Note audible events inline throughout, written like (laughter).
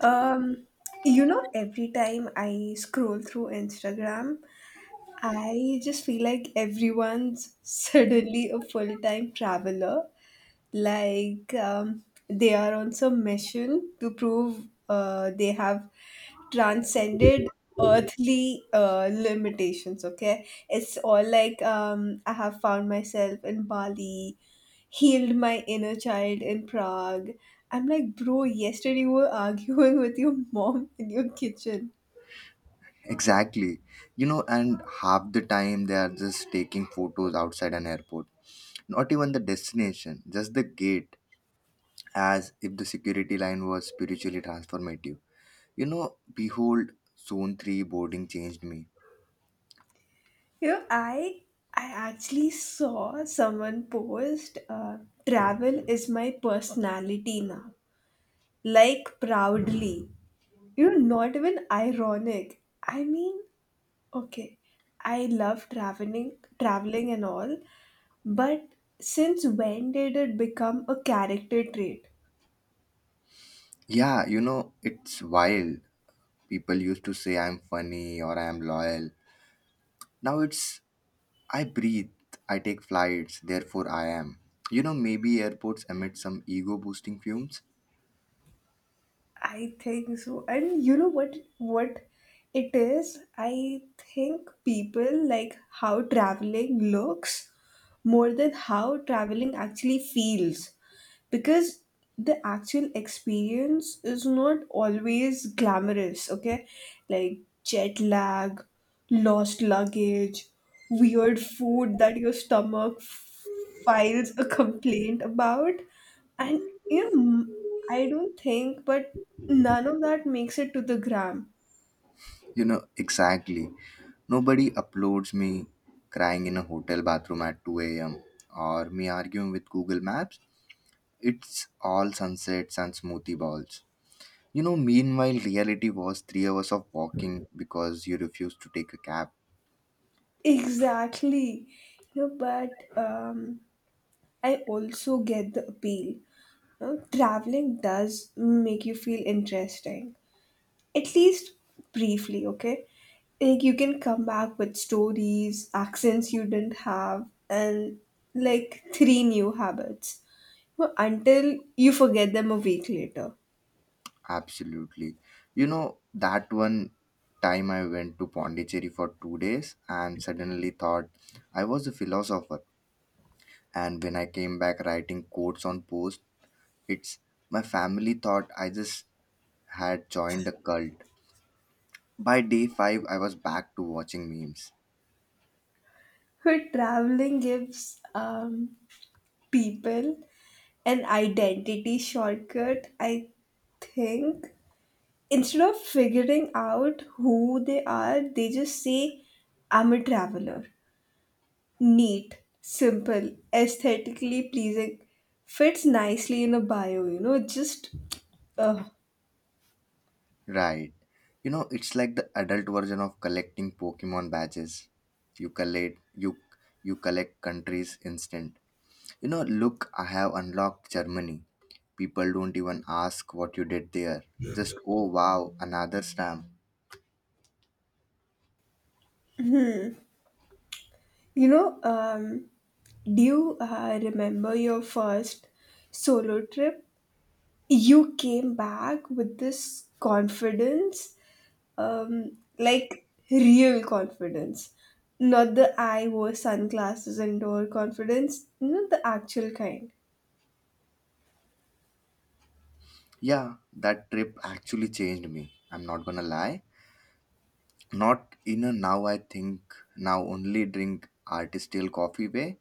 Um, every time I scroll through Instagram, I just feel like everyone's (laughs) suddenly a full-time traveler, like, they are on some mission to prove they have transcended earthly limitations. Okay, it's all like, I have found myself in Bali, healed my inner child in Prague. I'm like, bro, yesterday you were (laughs) arguing with your mom in your kitchen. Exactly. You know, and half the time they are just taking photos outside an airport. Not even the destination, just the gate, as if the security line was spiritually transformative. You know, behold, zone 3 boarding changed me. You know i i actually saw someone post, "Travel is my personality now," like, proudly. Not even ironic. I mean, okay, I love Traveling and all, but since when did it become a character trait? Yeah, you know, it's wild. People used to say I'm funny or I'm loyal. Now it's I breathe, I take flights, therefore I am. You know, maybe airports emit some ego boosting fumes. I think so. And you know what it is? I think people like how traveling looks more than how traveling actually feels. Because the actual experience is not always glamorous, okay? Like jet lag, lost luggage, weird food that your stomach files a complaint about, and you know m- I don't think, but none of that makes it to the gram. You know, exactly. Nobody uploads me crying in a hotel bathroom at 2 a.m. or me arguing with Google Maps. It's all sunsets and smoothie balls. You know, meanwhile, reality was 3 hours of walking because you refused to take a cab. Exactly. But I also get the appeal. You know, traveling does make you feel interesting, at least briefly, okay? Like, you can come back with stories, accents you didn't have, and like three new habits, well, until you forget them a week later. Absolutely. You know, that one time I went to Pondicherry for 2 days and suddenly thought I was a philosopher. And when I came back writing quotes on post, it's my family thought I just had joined a cult. By day 5, I was back to watching memes. Her traveling gives, people an identity shortcut, I think. Instead of figuring out who they are, they just say, "I'm a traveler." Neat, simple, aesthetically pleasing, fits nicely in a bio, just, uh, Right. You know, it's like the adult version of collecting Pokemon badges. You collect you collect countries instant. You know, look, I have unlocked Germany. People don't even ask what you did there. Just oh wow, another stamp. you know, um, do you remember your first solo trip? You came back with this confidence, um, like real confidence, not the "I wore sunglasses indoor" confidence, not the actual kind. Yeah, that trip actually changed me. I'm not gonna lie. Not in a now I think now only drink artistial coffee way.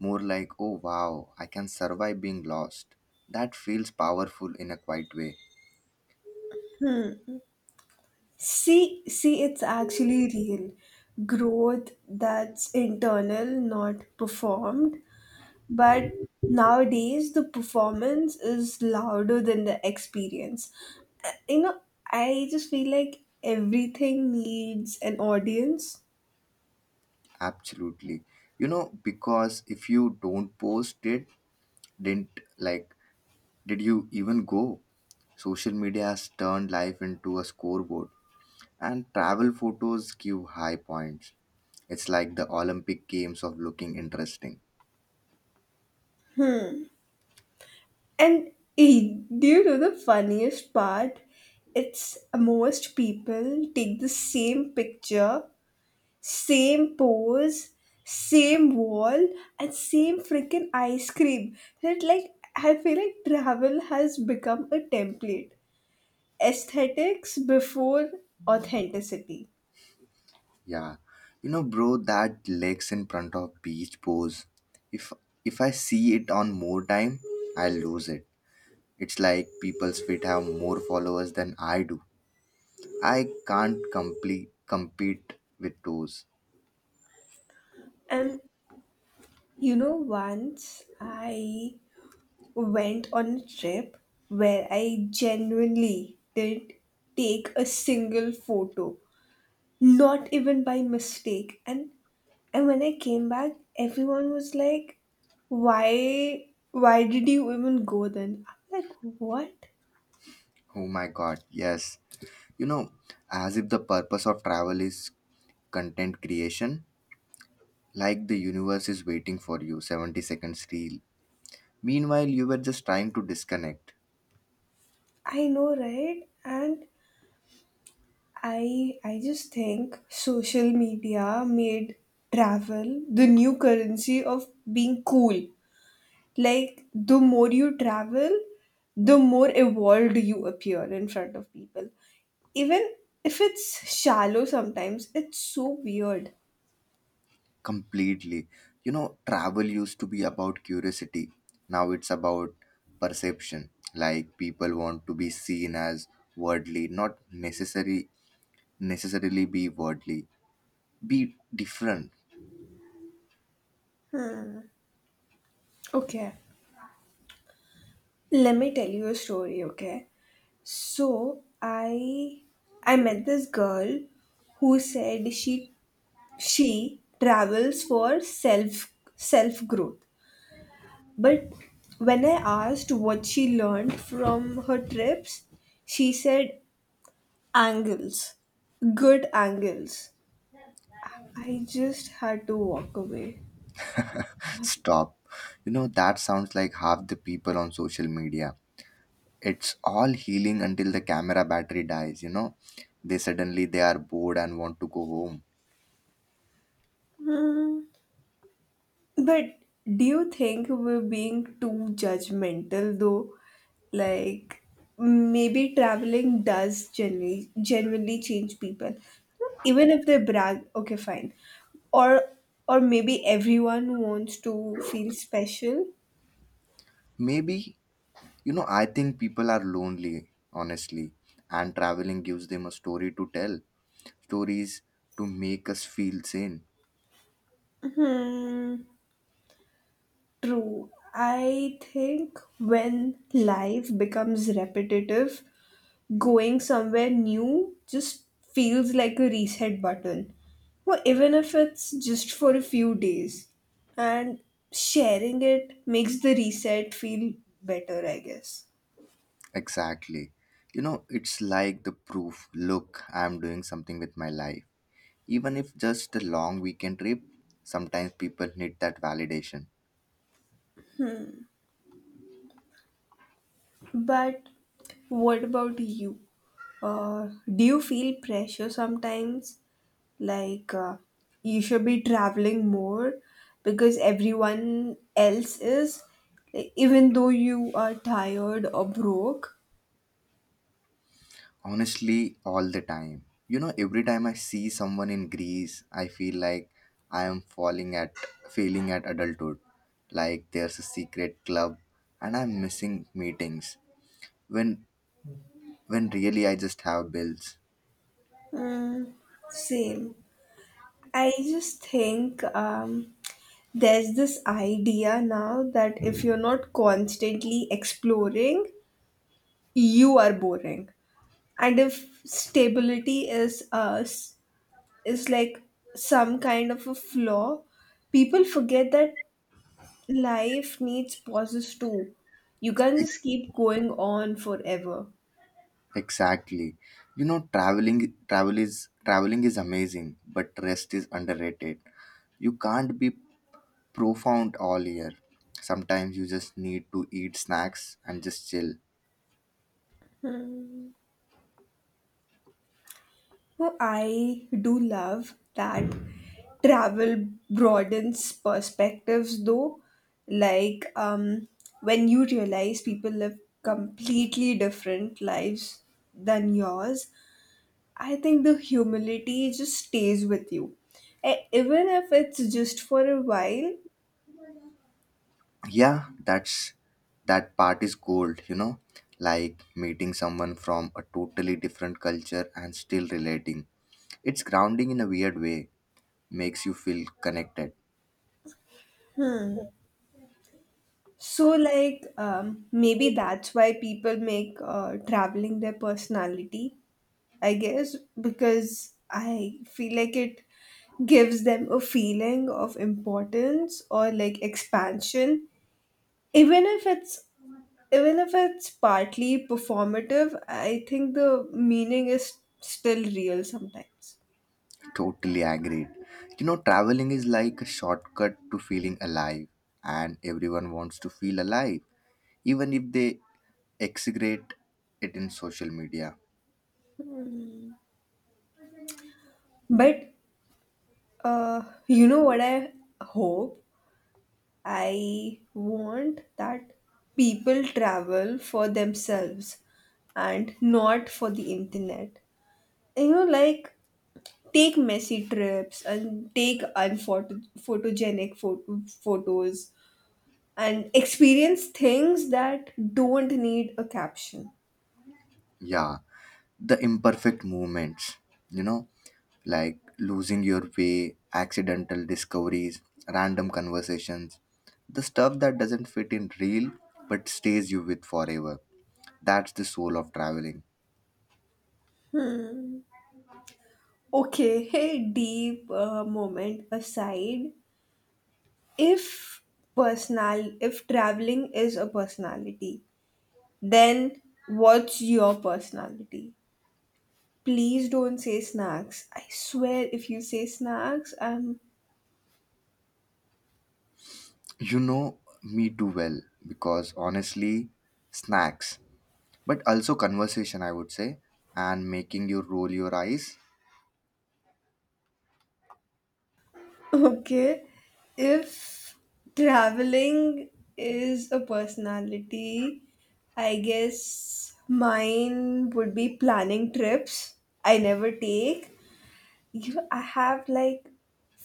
More like, oh wow, I can survive being lost. That feels powerful in a quiet way. See, see, it's actually real growth that's internal, not performed. But nowadays, the performance is louder than the experience. Uh, You know, I just feel like everything needs an audience. Absolutely. You know, because if you don't post it, didn't like, did you even go? Social media has turned life into a scoreboard, and travel photos give high points. It's like the Olympic Games of looking interesting. And eh, do you know the funniest part? It's most people take the same picture, same pose, same wall, and same freaking ice cream. That, like, I feel like travel has become a template. Aesthetics before authenticity. Yeah. You know, bro, that legs in front of beach pose. If if I see it on more time, I'll lose it. It's like people's feet have more followers than I do. I can't complete compete with those. And, once I went on a trip where I genuinely didn't take a single photo, not even by mistake. And when I came back, everyone was like, "Why? Why did you even go then?" I'm like, "What? Oh my god, yes. You know, as if the purpose of travel is content creation, like the universe is waiting for you 70 seconds reel. Meanwhile, you were just trying to disconnect I know, right?" And I just think social media made travel the new currency of being cool. Like, the more you travel, the more evolved you appear in front of people. Even if it's shallow sometimes, it's so weird. completely. You know, travel used to be about curiosity. Now it's about perception. Like people want to be seen as worldly, not necessary necessarily be worldly. Be different. Hmm. Okay. Let me tell you a story, okay? So, I met this girl who said she travels for self growth. But when I asked what she learned from her trips, she said, "Angles. Good angles." I just had to walk away. (laughs) Stop. You know, that sounds like half the people on social media. It's all healing until the camera battery dies, you know. They are bored and want to go home. Hmm. But do you think we're being too judgmental though? Like, maybe traveling does generally genuinely change people. Even if they brag, okay, fine. Or or maybe everyone wants to feel special. Maybe, you know, I think people are lonely, honestly, and traveling gives them a story to tell. Stories to make us feel sane. Hmm. True. I think when life becomes repetitive, going somewhere new just feels like a reset button. Well, even if it's just for a few days. And sharing it makes the reset feel better, I guess. Exactly. You know, it's like the proof. Look, I'm doing something with my life. Even if just a long weekend trip, sometimes people need that validation. But what about you? Uh, do you feel pressure sometimes? Like, you should be traveling more because everyone else is, like, even though you are tired or broke. Honestly, all the time. You know, every time I see someone in Greece, I feel like I am falling at failing at adulthood. Like there's a secret club and I'm missing meetings when when really I just have bills. Mm, same. I just think, there's this idea now that if you're not constantly exploring, you are boring. And if stability is like some kind of a flaw, people forget that life needs pauses too. You can't just keep going on forever. Exactly. You know, traveling is amazing, but rest is underrated. You can't be profound all year. Sometimes you just need to eat snacks and just chill. Now, I do love that travel broadens perspectives though. Like, when you realize people live completely different lives than yours, I think the humility just stays with you, even if it's just for a while. Yeah, that part is gold, you know, like meeting someone from a totally different culture and still relating. It's grounding in a weird way, makes you feel connected. So, like, maybe that's why people make traveling their personality, I guess, because I feel like it gives them a feeling of importance or like expansion, even if it's even if it's partly performative. I think the meaning is still real sometimes. Totally agreed. You know, traveling is like a shortcut to feeling alive, and everyone wants to feel alive, even if they execrate it in social media. But Uh, you know what I hope? I want that people travel for themselves and not for the internet. You know, like, take messy trips and take photos and experience things that don't need a caption. Yeah, the imperfect movements, you know, like losing your way, accidental discoveries, random conversations, the stuff that doesn't fit in real but stays you with forever. That's the soul of traveling. Hmm. Okay, (laughs) hey, deep moment aside, if personal if traveling is a personality, then what's your personality? Please don't say snacks. I swear, if you say snacks, I'm — You know me too well because honestly, snacks, but also conversation, I would say, and making you roll your eyes, (laughs) okay, if traveling is a personality, I guess mine would be planning trips I never take. You know, I have like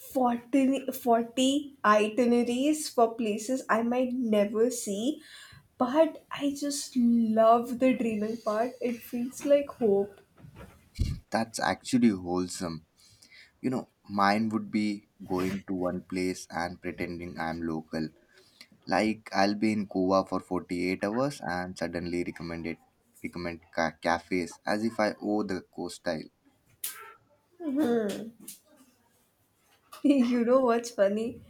forty itineraries for places I might never see, but I just love the dreaming part. It feels like hope. that's actually wholesome. You know, mine would be going to one place and pretending I'm local. Like I'll be in Cuba for 48 hours and suddenly cafes as if I owe the coastline. Hmm. (laughs) You know what's funny?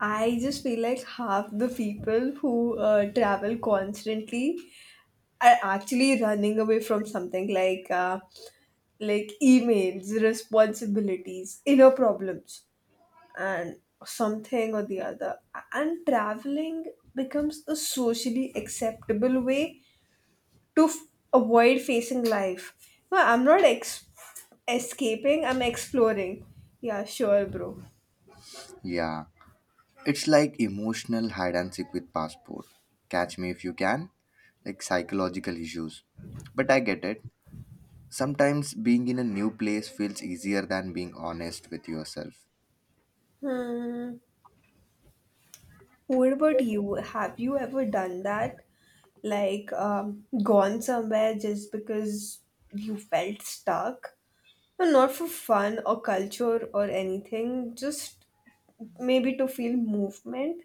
I just feel like half the people who travel constantly are actually running away from something, like, like emails, responsibilities, inner problems, and something or the other. And traveling becomes a socially acceptable way to avoid facing life. Well, I'm not escaping, I'm exploring. Yeah, sure, bro. Yeah, it's like emotional hide and seek with passport. Catch me if you can, like psychological issues. But I get it, sometimes being in a new place feels easier than being honest with yourself. Hmm. What about you? Have you ever done that? Like, gone somewhere just because you felt stuck? No, not for fun or culture or anything, just maybe to feel movement.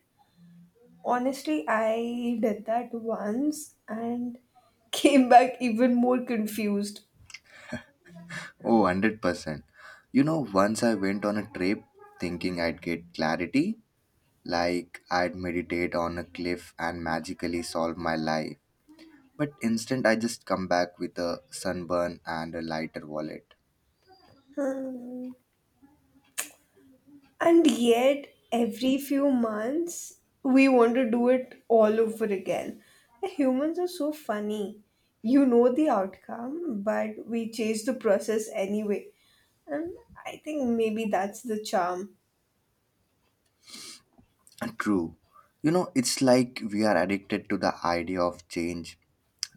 Honestly, I did that once and (laughs) came back even more confused. Oh, 100%. You know, once I went on a trip thinking I'd get clarity, like I'd meditate on a cliff and magically solve my life. But instant, I just come back with a sunburn and a lighter wallet. Hmm. And yet, every few months, we want to do it all over again. The humans are so funny. You know the outcome, but we chase the process anyway. And I think maybe that's the charm. True. You know, it's like we are addicted to the idea of change.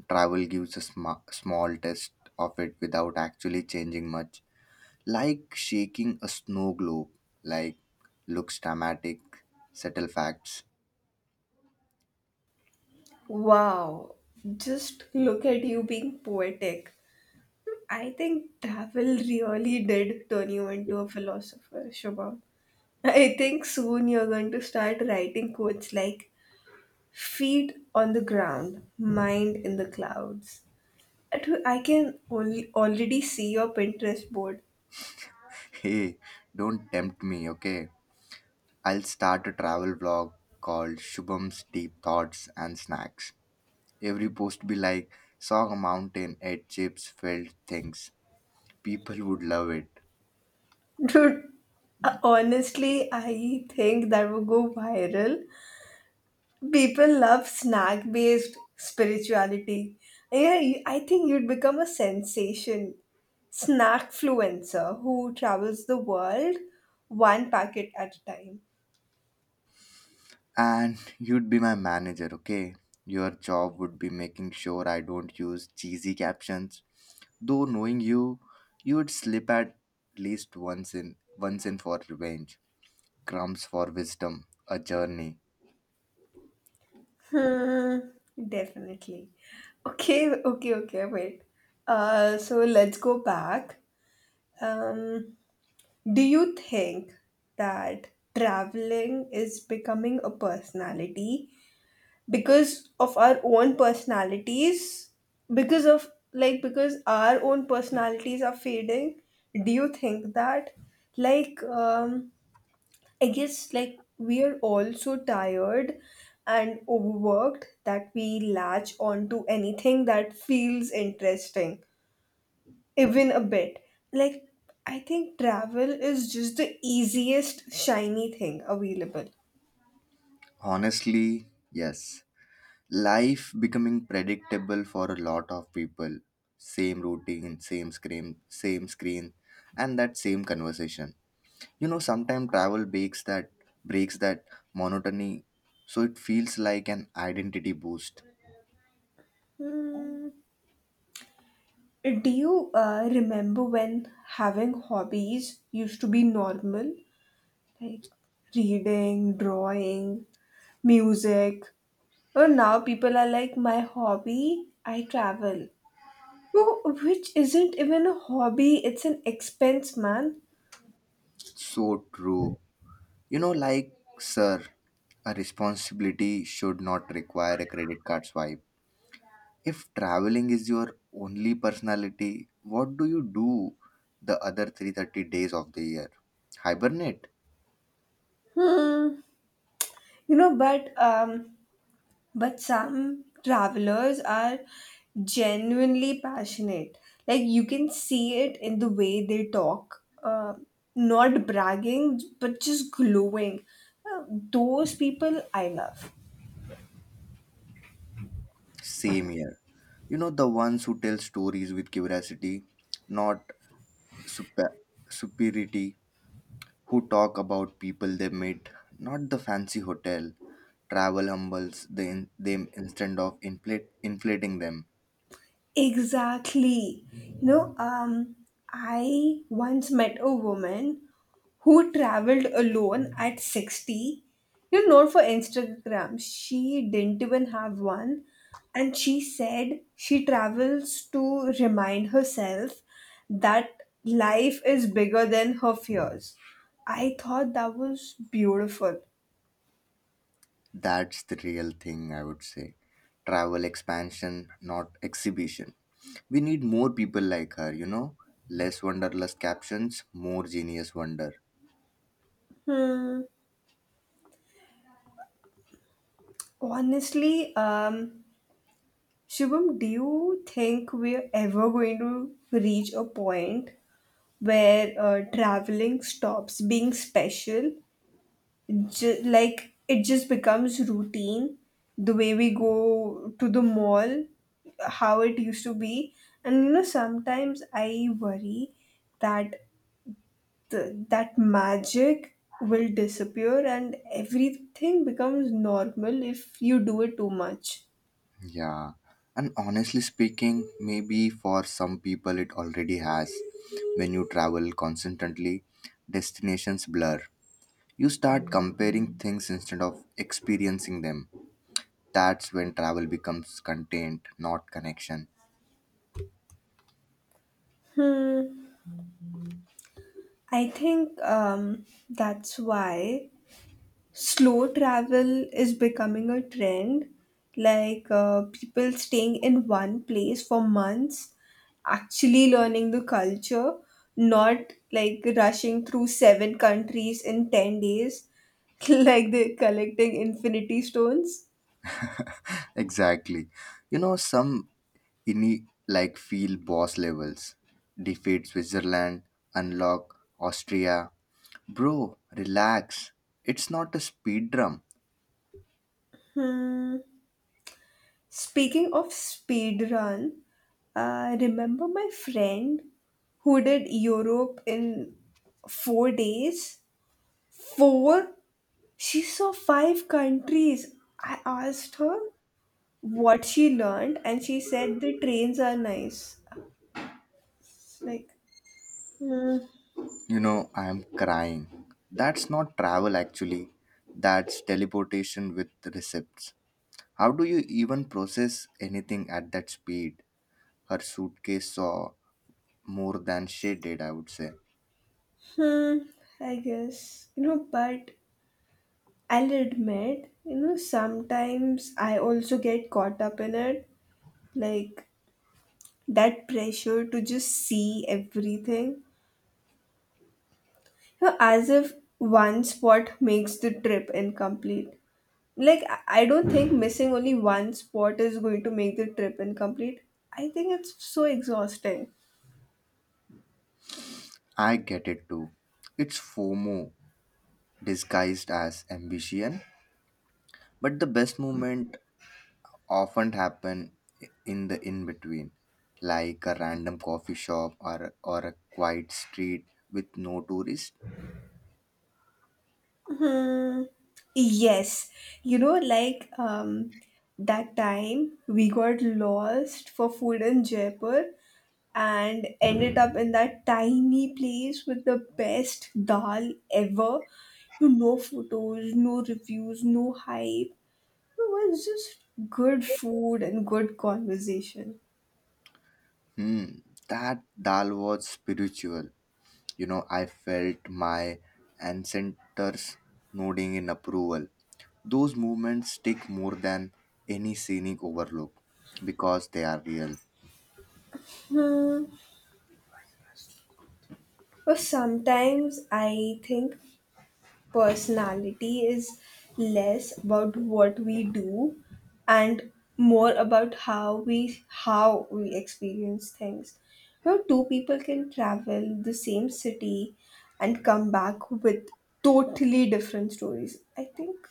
Travel gives a small test of it without actually changing much. Like shaking a snow globe, like looks dramatic, settle facts. Wow, just look at you being poetic. I think travel really did turn you into a philosopher, Shubham. I think soon you're going to start writing quotes like, "Feet on the ground, mind in the clouds." I can only already see your Pinterest board. Hey, don't tempt me, okay? I'll start a travel vlog called Shubham's Deep Thoughts and Snacks. Every post be like, saw a mountain, ate chips, felt things. People would love it. (laughs) Dude, honestly, I think that will go viral. People love snack based spirituality. Yeah, I think you'd become a sensation. Snack fluencer who travels the world one packet at a time. And you'd be my manager, okay? Your job would be making sure I don't use cheesy captions. Though knowing you, you would slip at least once in for revenge, crumbs for wisdom, a journey. Hmm, definitely. Okay, okay, okay, wait. So let's go back. Um, do you think that traveling is becoming a personality because of our own personalities, because of like because our own personalities are fading? Do you think that, like, I guess, like, we are all so tired and overworked that we latch onto anything that feels interesting, even a bit? Like, I think travel is just the easiest shiny thing available. Honestly, yes. Life becoming predictable for a lot of people, same routine, same screen and that same conversation. You know, sometimes travel breaks that monotony, so it feels like an identity boost. Hmm. Do you remember when having hobbies used to be normal? Like reading, drawing, music. Or now people are like, "My hobby, I travel." No, which isn't even a hobby, it's an expense, man. So true. You know, like sir, a responsibility should not require a credit card swipe. If traveling is your only personality, what do you do the other 330 days of the year? Hibernate. Hmm. You know, but some travelers are genuinely passionate. Like, you can see it in the way they talk, not bragging, but just glowing. Those people I love. Same here. You know, the ones who tell stories with curiosity, not super, superiority, who talk about people they met, not the fancy hotel. Travel humbles them instead of inflating them. Exactly. You know, I once met a woman who traveled alone at 60. You know, not for Instagram. She didn't even have one. And she said she travels to remind herself that life is bigger than her fears. I thought that was beautiful. That's the real thing, I would say. Travel expansion, not exhibition. We need more people like her, you know? Less wanderlust captions, more genius wonder. Hmm. Honestly, Shubham, do you think we're ever going to reach a point where traveling stops being special? Like, it just becomes routine, the way we go to the mall, how it used to be. And, sometimes I worry that that magic will disappear and everything becomes normal if you do it too much. Yeah, and honestly speaking, maybe for some people it already has. When you travel constantly, destinations blur. You start comparing things instead of experiencing them. That's when travel becomes content, not connection. (laughs) Hmm. I think, that's why slow travel is becoming a trend. Like, people staying in one place for months, actually learning the culture, not like rushing through seven countries in 10 days, (laughs) like they're collecting infinity stones. Exactly. You know, some ini like feel boss levels. Defeat Switzerland, unlock Austria. Bro, relax. It's not a speed drum. Hmm. Speaking of speed run, I remember my friend who did Europe in 4 days. Four? She saw five countries. I asked her what she learned, and she said the trains are nice. It's like, hmm, You know, I'm crying. That's not travel actually. That's teleportation with receipts. How do you even process anything at that speed? Her suitcase saw more than she did, I would say. I guess. You know, but I'll admit, sometimes I also get caught up in it. Like, that pressure to just see everything, as if one spot makes the trip incomplete. Like, I don't think missing only one spot is going to make the trip incomplete. I think it's so exhausting. I get it too. It's FOMO disguised as ambition, but the best moment often happen in the in between, like a random coffee shop or a quiet street with no tourists. Hmm, yes. You know, like, that time we got lost for food in Jaipur and ended up in that tiny place with the best dal ever. You know, no photos, no reviews, no hype. It was just good food and good conversation. Hmm, that dal was spiritual. You know, I felt my ancestors nodding in approval. Those movements stick more than any scenic overlook because they are real. Hmm. But sometimes I think personality is less about what we do and more about how we experience things. You know, two people can travel the same city and come back with totally different stories. I think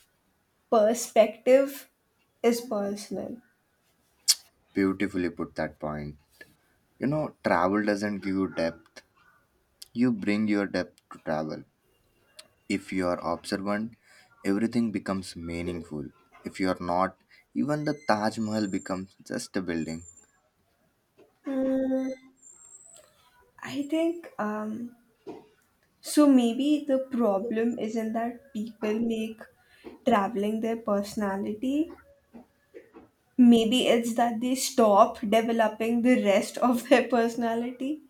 perspective is personal. Beautifully put that point. You know, travel doesn't give you depth, you bring your depth to travel. If you are observant, everything becomes meaningful. If you are not, even the Taj Mahal becomes just a building. Hmm, I think, so maybe the problem isn't that people make traveling their personality. Maybe it's that they stop developing the rest of their personality,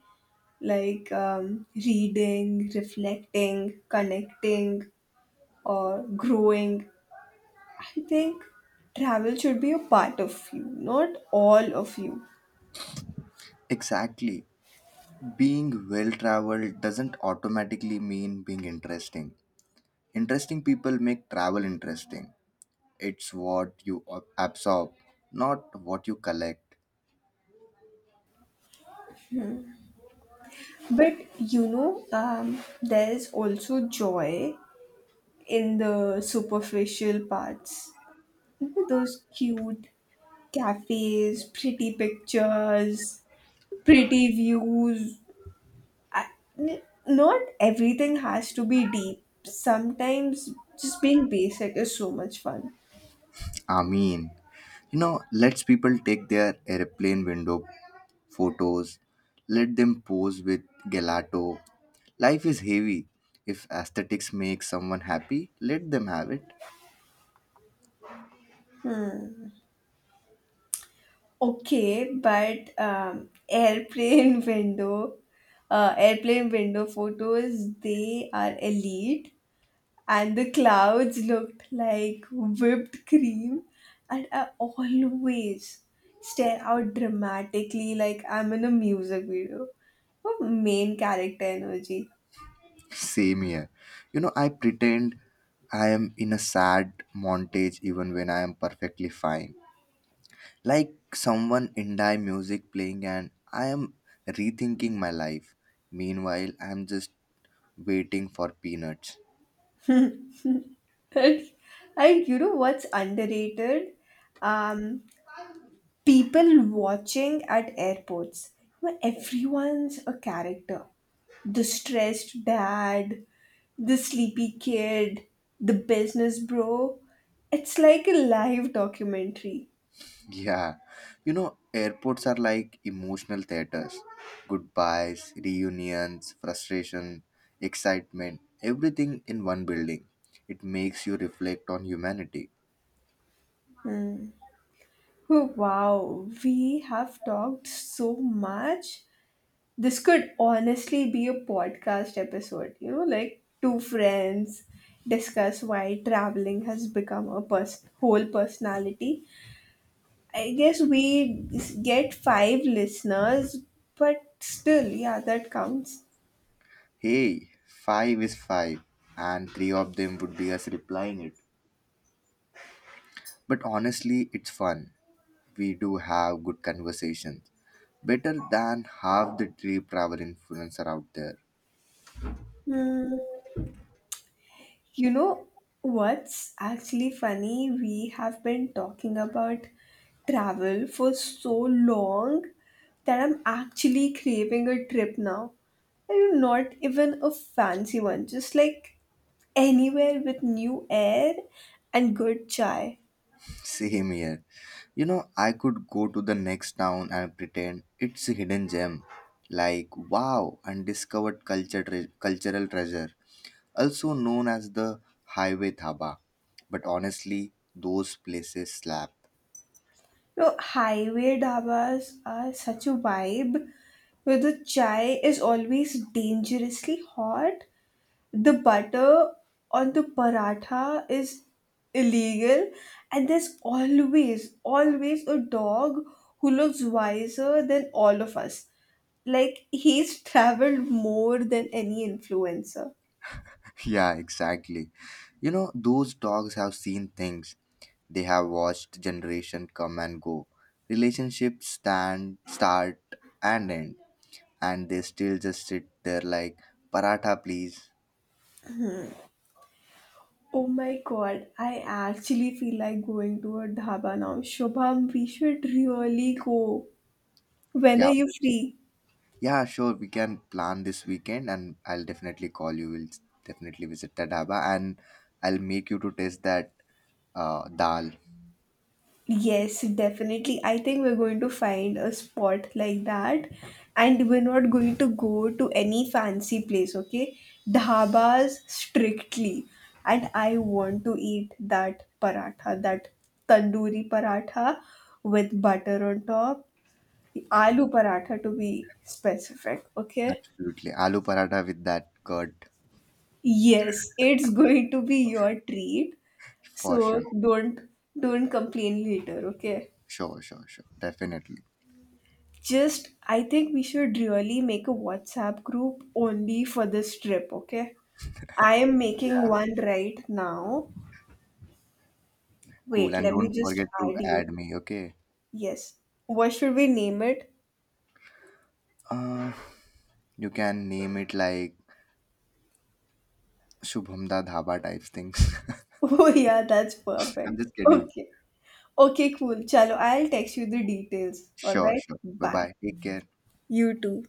like, reading, reflecting, connecting, or growing. I think travel should be a part of you, not all of you. Exactly. Being well traveled doesn't automatically mean being interesting. Interesting people make travel interesting. It's what you absorb, not what you collect. But, you know, there's also joy in the superficial parts. You know, those cute cafes, pretty pictures, pretty views, I- n- not everything has to be deep. Sometimes just being basic is so much fun. I mean, you know, let's people take their airplane window photos, let them pose with gelato. Life is heavy. If aesthetics make someone happy, let them have it. Okay, but, airplane (laughs) window, airplane window photos, they are elite, and the clouds looked like whipped cream, and I always stare out dramatically like I'm in a music video. Oh, main character energy. Same here. You know, I pretend I am in a sad montage even when I am perfectly fine. Like someone indie music playing and I am rethinking my life. Meanwhile, I am just waiting for peanuts. (laughs) And, and you know what's underrated? Um, People watching at airports. You know, everyone's a character. The stressed dad, the sleepy kid, the business bro. It's like a live documentary. Yeah. You know, airports are like emotional theaters. Goodbyes, reunions, frustration, excitement, everything in one building. It makes you reflect on humanity. Hmm. Oh, wow, we have talked so much. This could honestly be a podcast episode, you know, like two friends discuss why traveling has become a whole personality. I guess we get five listeners, but still, yeah, that counts. Hey, five is five, and three of them would be us replying it. But honestly, it's fun. We do have good conversations. Better than half the trip travel influencer out there. Hmm. You know what's actually funny? We have been talking about travel for so long that I'm actually craving a trip now. And not even a fancy one, just like anywhere with new air and good chai. Same here. You know, I could go to the next town and pretend it's a hidden gem. Like, wow, undiscovered cultural treasure, also known as the Highway Thaba. But honestly, those places slap. No, highway dabas are such a vibe, where the chai is always dangerously hot, the butter on the paratha is illegal, and there's always, always a dog who looks wiser than all of us, like, he's (laughs) traveled more than any influencer. Yeah, exactly. You know, those dogs have seen things. They have watched generation come and go. Relationships start and end. And they still just sit there like, Paratha please. Oh my god, I actually feel like going to a dhaba now. Shubham, we should really go. When Yeah. are you free? Yeah, sure. We can plan this weekend and I'll definitely call you. We'll definitely visit the dhaba and I'll make you to taste that dal. Yes, definitely. I think we're going to find a spot like that, and we're not going to go to any fancy place, okay? Dhabas strictly. And I want to eat that paratha, that tandoori paratha with butter on top, aloo paratha to be specific, okay? Absolutely. Aloo paratha with that curd Yes, it's (laughs) going to be your treat, for so sure. don't complain later, okay? Sure, sure, sure. Definitely. Just, I think we should really make a WhatsApp group only for this trip, okay? I am making Yeah. one right now. Cool, Wait, and let me don't just forget to add add you. me, okay? Yes. What should we name it? (laughs) Uh, you can name it like Shubhamda Dhaba types things. (laughs) Oh, yeah, that's I'm perfect. just kidding. Okay. Okay, cool. Chalo, I'll text you the details. All Sure, right. sure. Bye Bye. bye. Take care. You too.